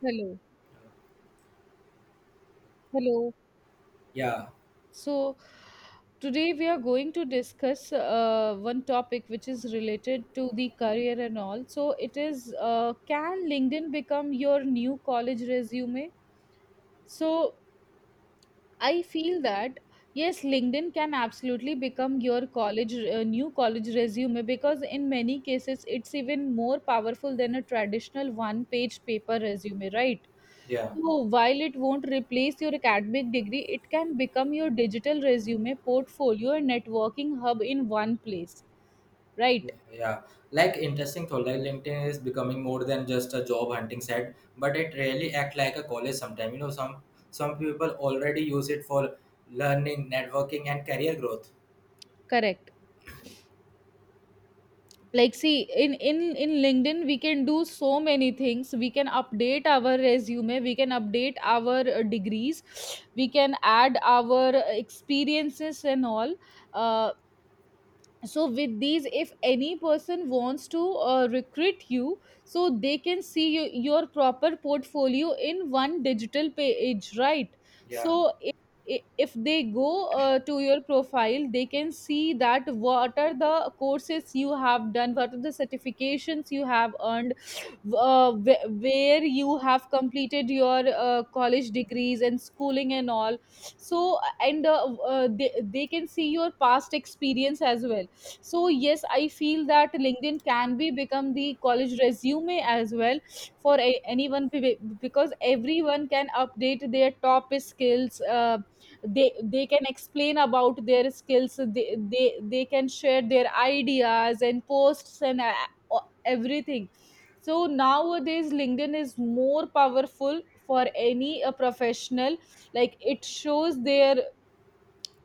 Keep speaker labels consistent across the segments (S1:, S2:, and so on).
S1: Hello, hello.
S2: Yeah,
S1: So today we are going to discuss one topic which is related to the career and all. So it is, can LinkedIn become your new college resume? So I feel that yes, LinkedIn can absolutely become your college new college resume, because in many cases it's even more powerful than a traditional one-page paper resume, right?
S2: yeah,
S1: So while it won't replace your academic degree, it can become your digital resume, portfolio, and networking hub in one place, right?
S2: yeah. Yeah. Like interesting thought, like LinkedIn is becoming more than just a job hunting site, but it really act like a college sometimes. Some people already use it for learning, networking, and career growth.
S1: Correct. Like, see, in LinkedIn we can do so many things. We can update our resume, we can update our degrees, we can add our experiences and all. uh, so with these, if any person wants to recruit you, so they can see you, your proper portfolio in one digital page, right?
S2: Yeah,
S1: So if they go to your profile, they can see that what are the courses you have done, what are the certifications you have earned, where you have completed your college degrees and schooling and all. So and they can see your past experience as well. So yes, I feel that LinkedIn can be become the college resume as well for anyone, because everyone can update their top skills. They can explain about their skills, they can share their ideas and posts and everything. So nowadays, LinkedIn is more powerful for any a professional. Like it shows their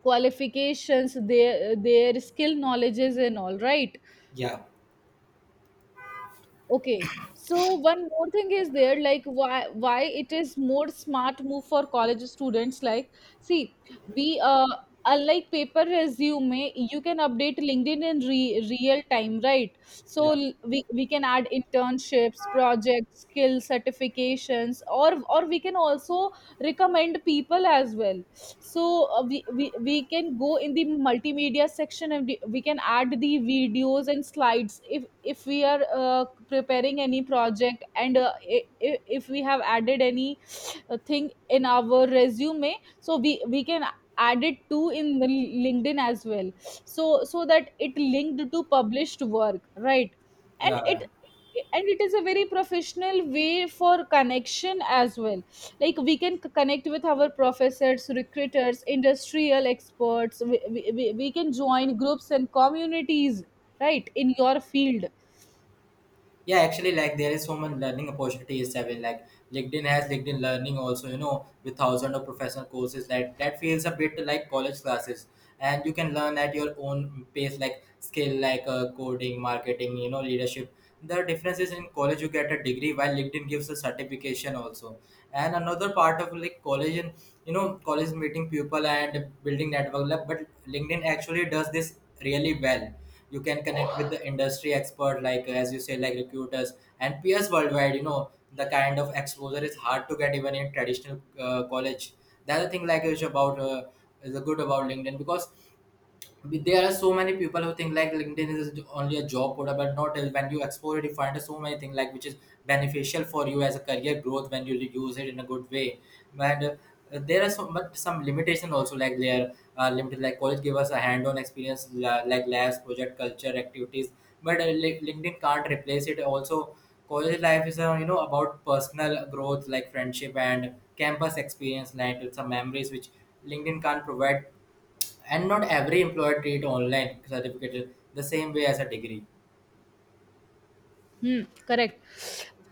S1: qualifications, their skill, knowledges, and all. Right?
S2: yeah,
S1: Okay. So one more thing is there, like why it is more smart move for college students. Like, see, we unlike paper resume, you can update LinkedIn in real time, right? So
S2: yeah,
S1: we can add internships, projects, skill certifications, or we can also recommend people as well. So we can go in the multimedia section and we can add the videos and slides if we are preparing any project and if we have added any thing in our resume, so we can add it to in the LinkedIn as well, so so that it linked to published work, right? And
S2: yeah.
S1: it, and it is a very professional way for connection as well. Like we can connect with our professors, recruiters, industrial experts. We can join groups and communities right in your field.
S2: Yeah, actually, like there is so much learning opportunities. I mean, like LinkedIn has LinkedIn learning also, with thousands of professional courses, like that feels a bit like college classes. And you can learn at your own pace, like skill, like coding, marketing, leadership. The difference is, in college you get a degree, while LinkedIn gives a certification also. And another part of, like, college, and college, meeting people and building network, like, but LinkedIn actually does this really well. You can connect with the industry expert, like as you say, like recruiters and peers worldwide. The kind of exposure is hard to get even in traditional college. The other thing, like, is about is the good about LinkedIn, because there are so many people who think like LinkedIn is only a job portal, but not. When you explore it, you find so many things, like, which is beneficial for you as a career growth when you use it in a good way. And there are so, but some limitation also, like there are limited, like college give us a hand on experience, like labs, project culture, activities, but LinkedIn can't replace it also. College life is about personal growth, like friendship and campus experience, like some memories which LinkedIn can't provide. And not every employer treat online certificate the same way as a degree.
S1: Hmm, correct.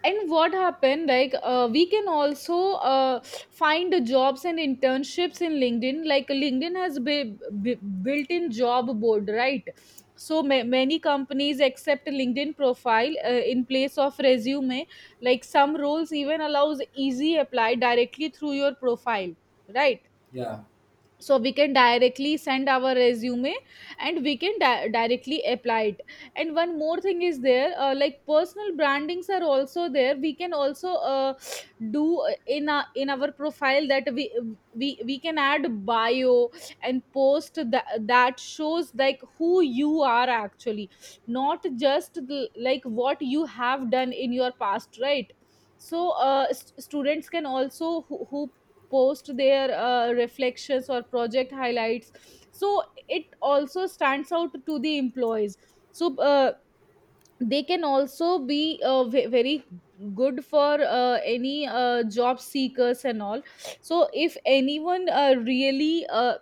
S1: And what happened? Like, we can also uh, find jobs and internships in LinkedIn. Like, LinkedIn has built-in job board, right? So many companies accept LinkedIn profile in place of resume. Like, some roles even allows easy apply directly through your profile, right?
S2: Yeah,
S1: So we can directly send our resume and we can directly apply it. And one more thing is there, like personal brandings are also there. We can also do in our profile that we can add bio and post, that that shows like who you are actually, not just the, like what you have done in your past, right? So students can also who post their reflections or project highlights, so it also stands out to the employees. So they can also be very good for any job seekers and all. So if anyone really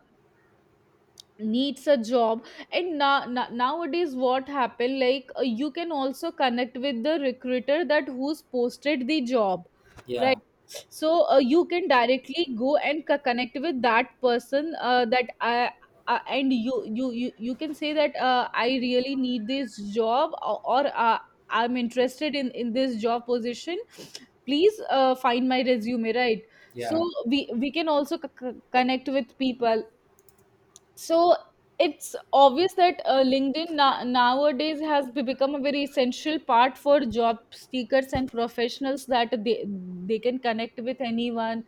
S1: needs a job, and nowadays what happened, like you can also connect with the recruiter that who's posted the job,
S2: yeah,
S1: right? So you can directly go and connect with that person. And you you can say that I really need this job, or I'm interested in this job position, please find my resume, right? So
S2: yeah.
S1: we can also connect with people. So it's obvious that LinkedIn nowadays has become a very essential part for job seekers and professionals, that they can connect with anyone,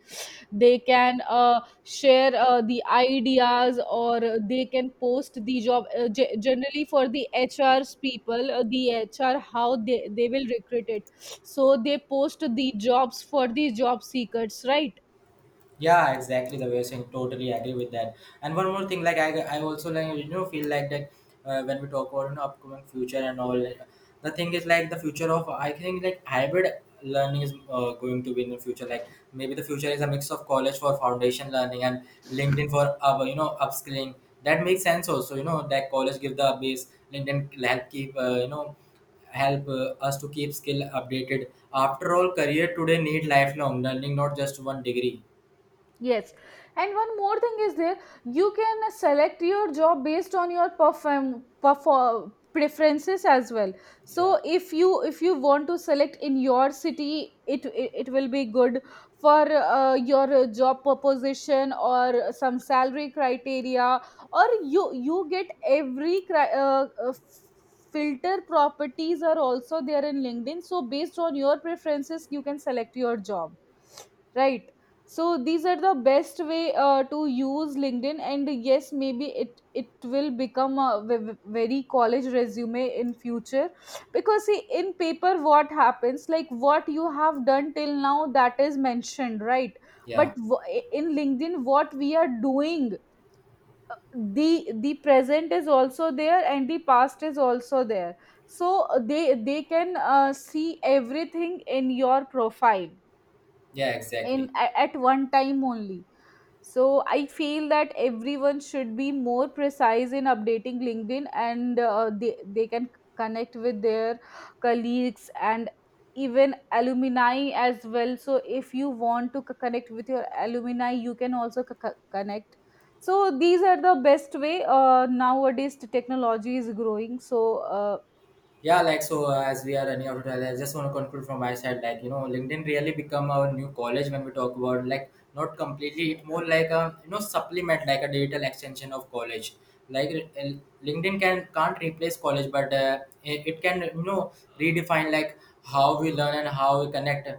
S1: they can share the ideas, or they can post the job generally for the HRs people, the HR how they will recruit it. So they post the jobs for the job seekers, right?
S2: Yeah, exactly the way you're saying. Totally agree with that. And one more thing, like I also, like feel like that, when we talk about upcoming future and all, the thing is, like, the future of, I think, like hybrid learning is going to be in the future. Like maybe the future is a mix of college for foundation learning and LinkedIn for upskilling. That makes sense also. You know that college give the base, LinkedIn help keep help us to keep skill updated. After all, career today need lifelong learning, not just one degree.
S1: Yes, and one more thing is there. You can select your job based on your perform preferences as well.
S2: Yeah,
S1: So if you want to select in your city, it will be good for your job proposition, or some salary criteria, or you get every filter properties are also there in LinkedIn. So based on your preferences, you can select your job, right? So these are the best way to use LinkedIn, and yes, maybe it will become a very college resume in future. Because see, in paper what happens, like what you have done till now, that is mentioned, right?
S2: yeah,
S1: But in LinkedIn what we are doing, the present is also there and the past is also there. So they can see everything in your profile,
S2: yeah,
S1: in
S2: exactly.
S1: at one time only. So I feel that everyone should be more precise in updating LinkedIn, and they can connect with their colleagues and even alumni as well. So if you want to connect with your alumni, you can also connect. So these are the best way. Nowadays, the technology is growing. So
S2: Yeah, like so, as we are running out of time, I just want to conclude from my side. Like, LinkedIn really become our new college, when we talk about, like, not completely. It more like a supplement, like a digital extension of college. Like, uh, LinkedIn can't replace college, but it can, redefine, like, how we learn and how we connect.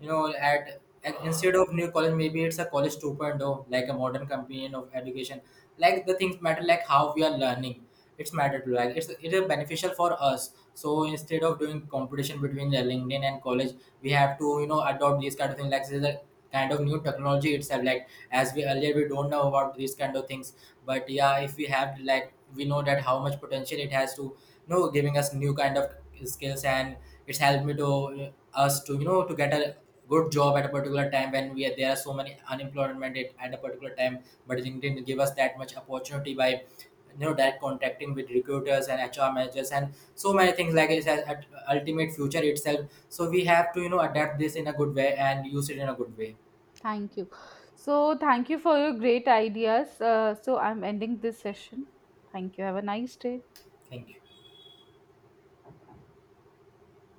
S2: You know, instead of new college, maybe it's a college 2.0, like a modern companion of education. Like the things matter, like how we are learning, it's matter to, like, it is beneficial for us, so instead of doing competition between the LinkedIn and college, we have to, adopt these kind of things, like this is a kind of new technology itself, like as we earlier we don't know about these kind of things. But yeah, if we have, like, we know that how much potential it has to, giving us new kind of skills, and it's helped me to, us to, to get a good job at a particular time when we are, there are so many unemployment at a particular time, but LinkedIn give us that much opportunity by that contacting with recruiters and HR managers and so many things, like it's at ultimate future itself, so we have to, adapt this in a good way and use it in a good way.
S1: thank you. So thank you for your great ideas. So I'm ending this session. Thank you. Have a nice day.
S2: Thank you.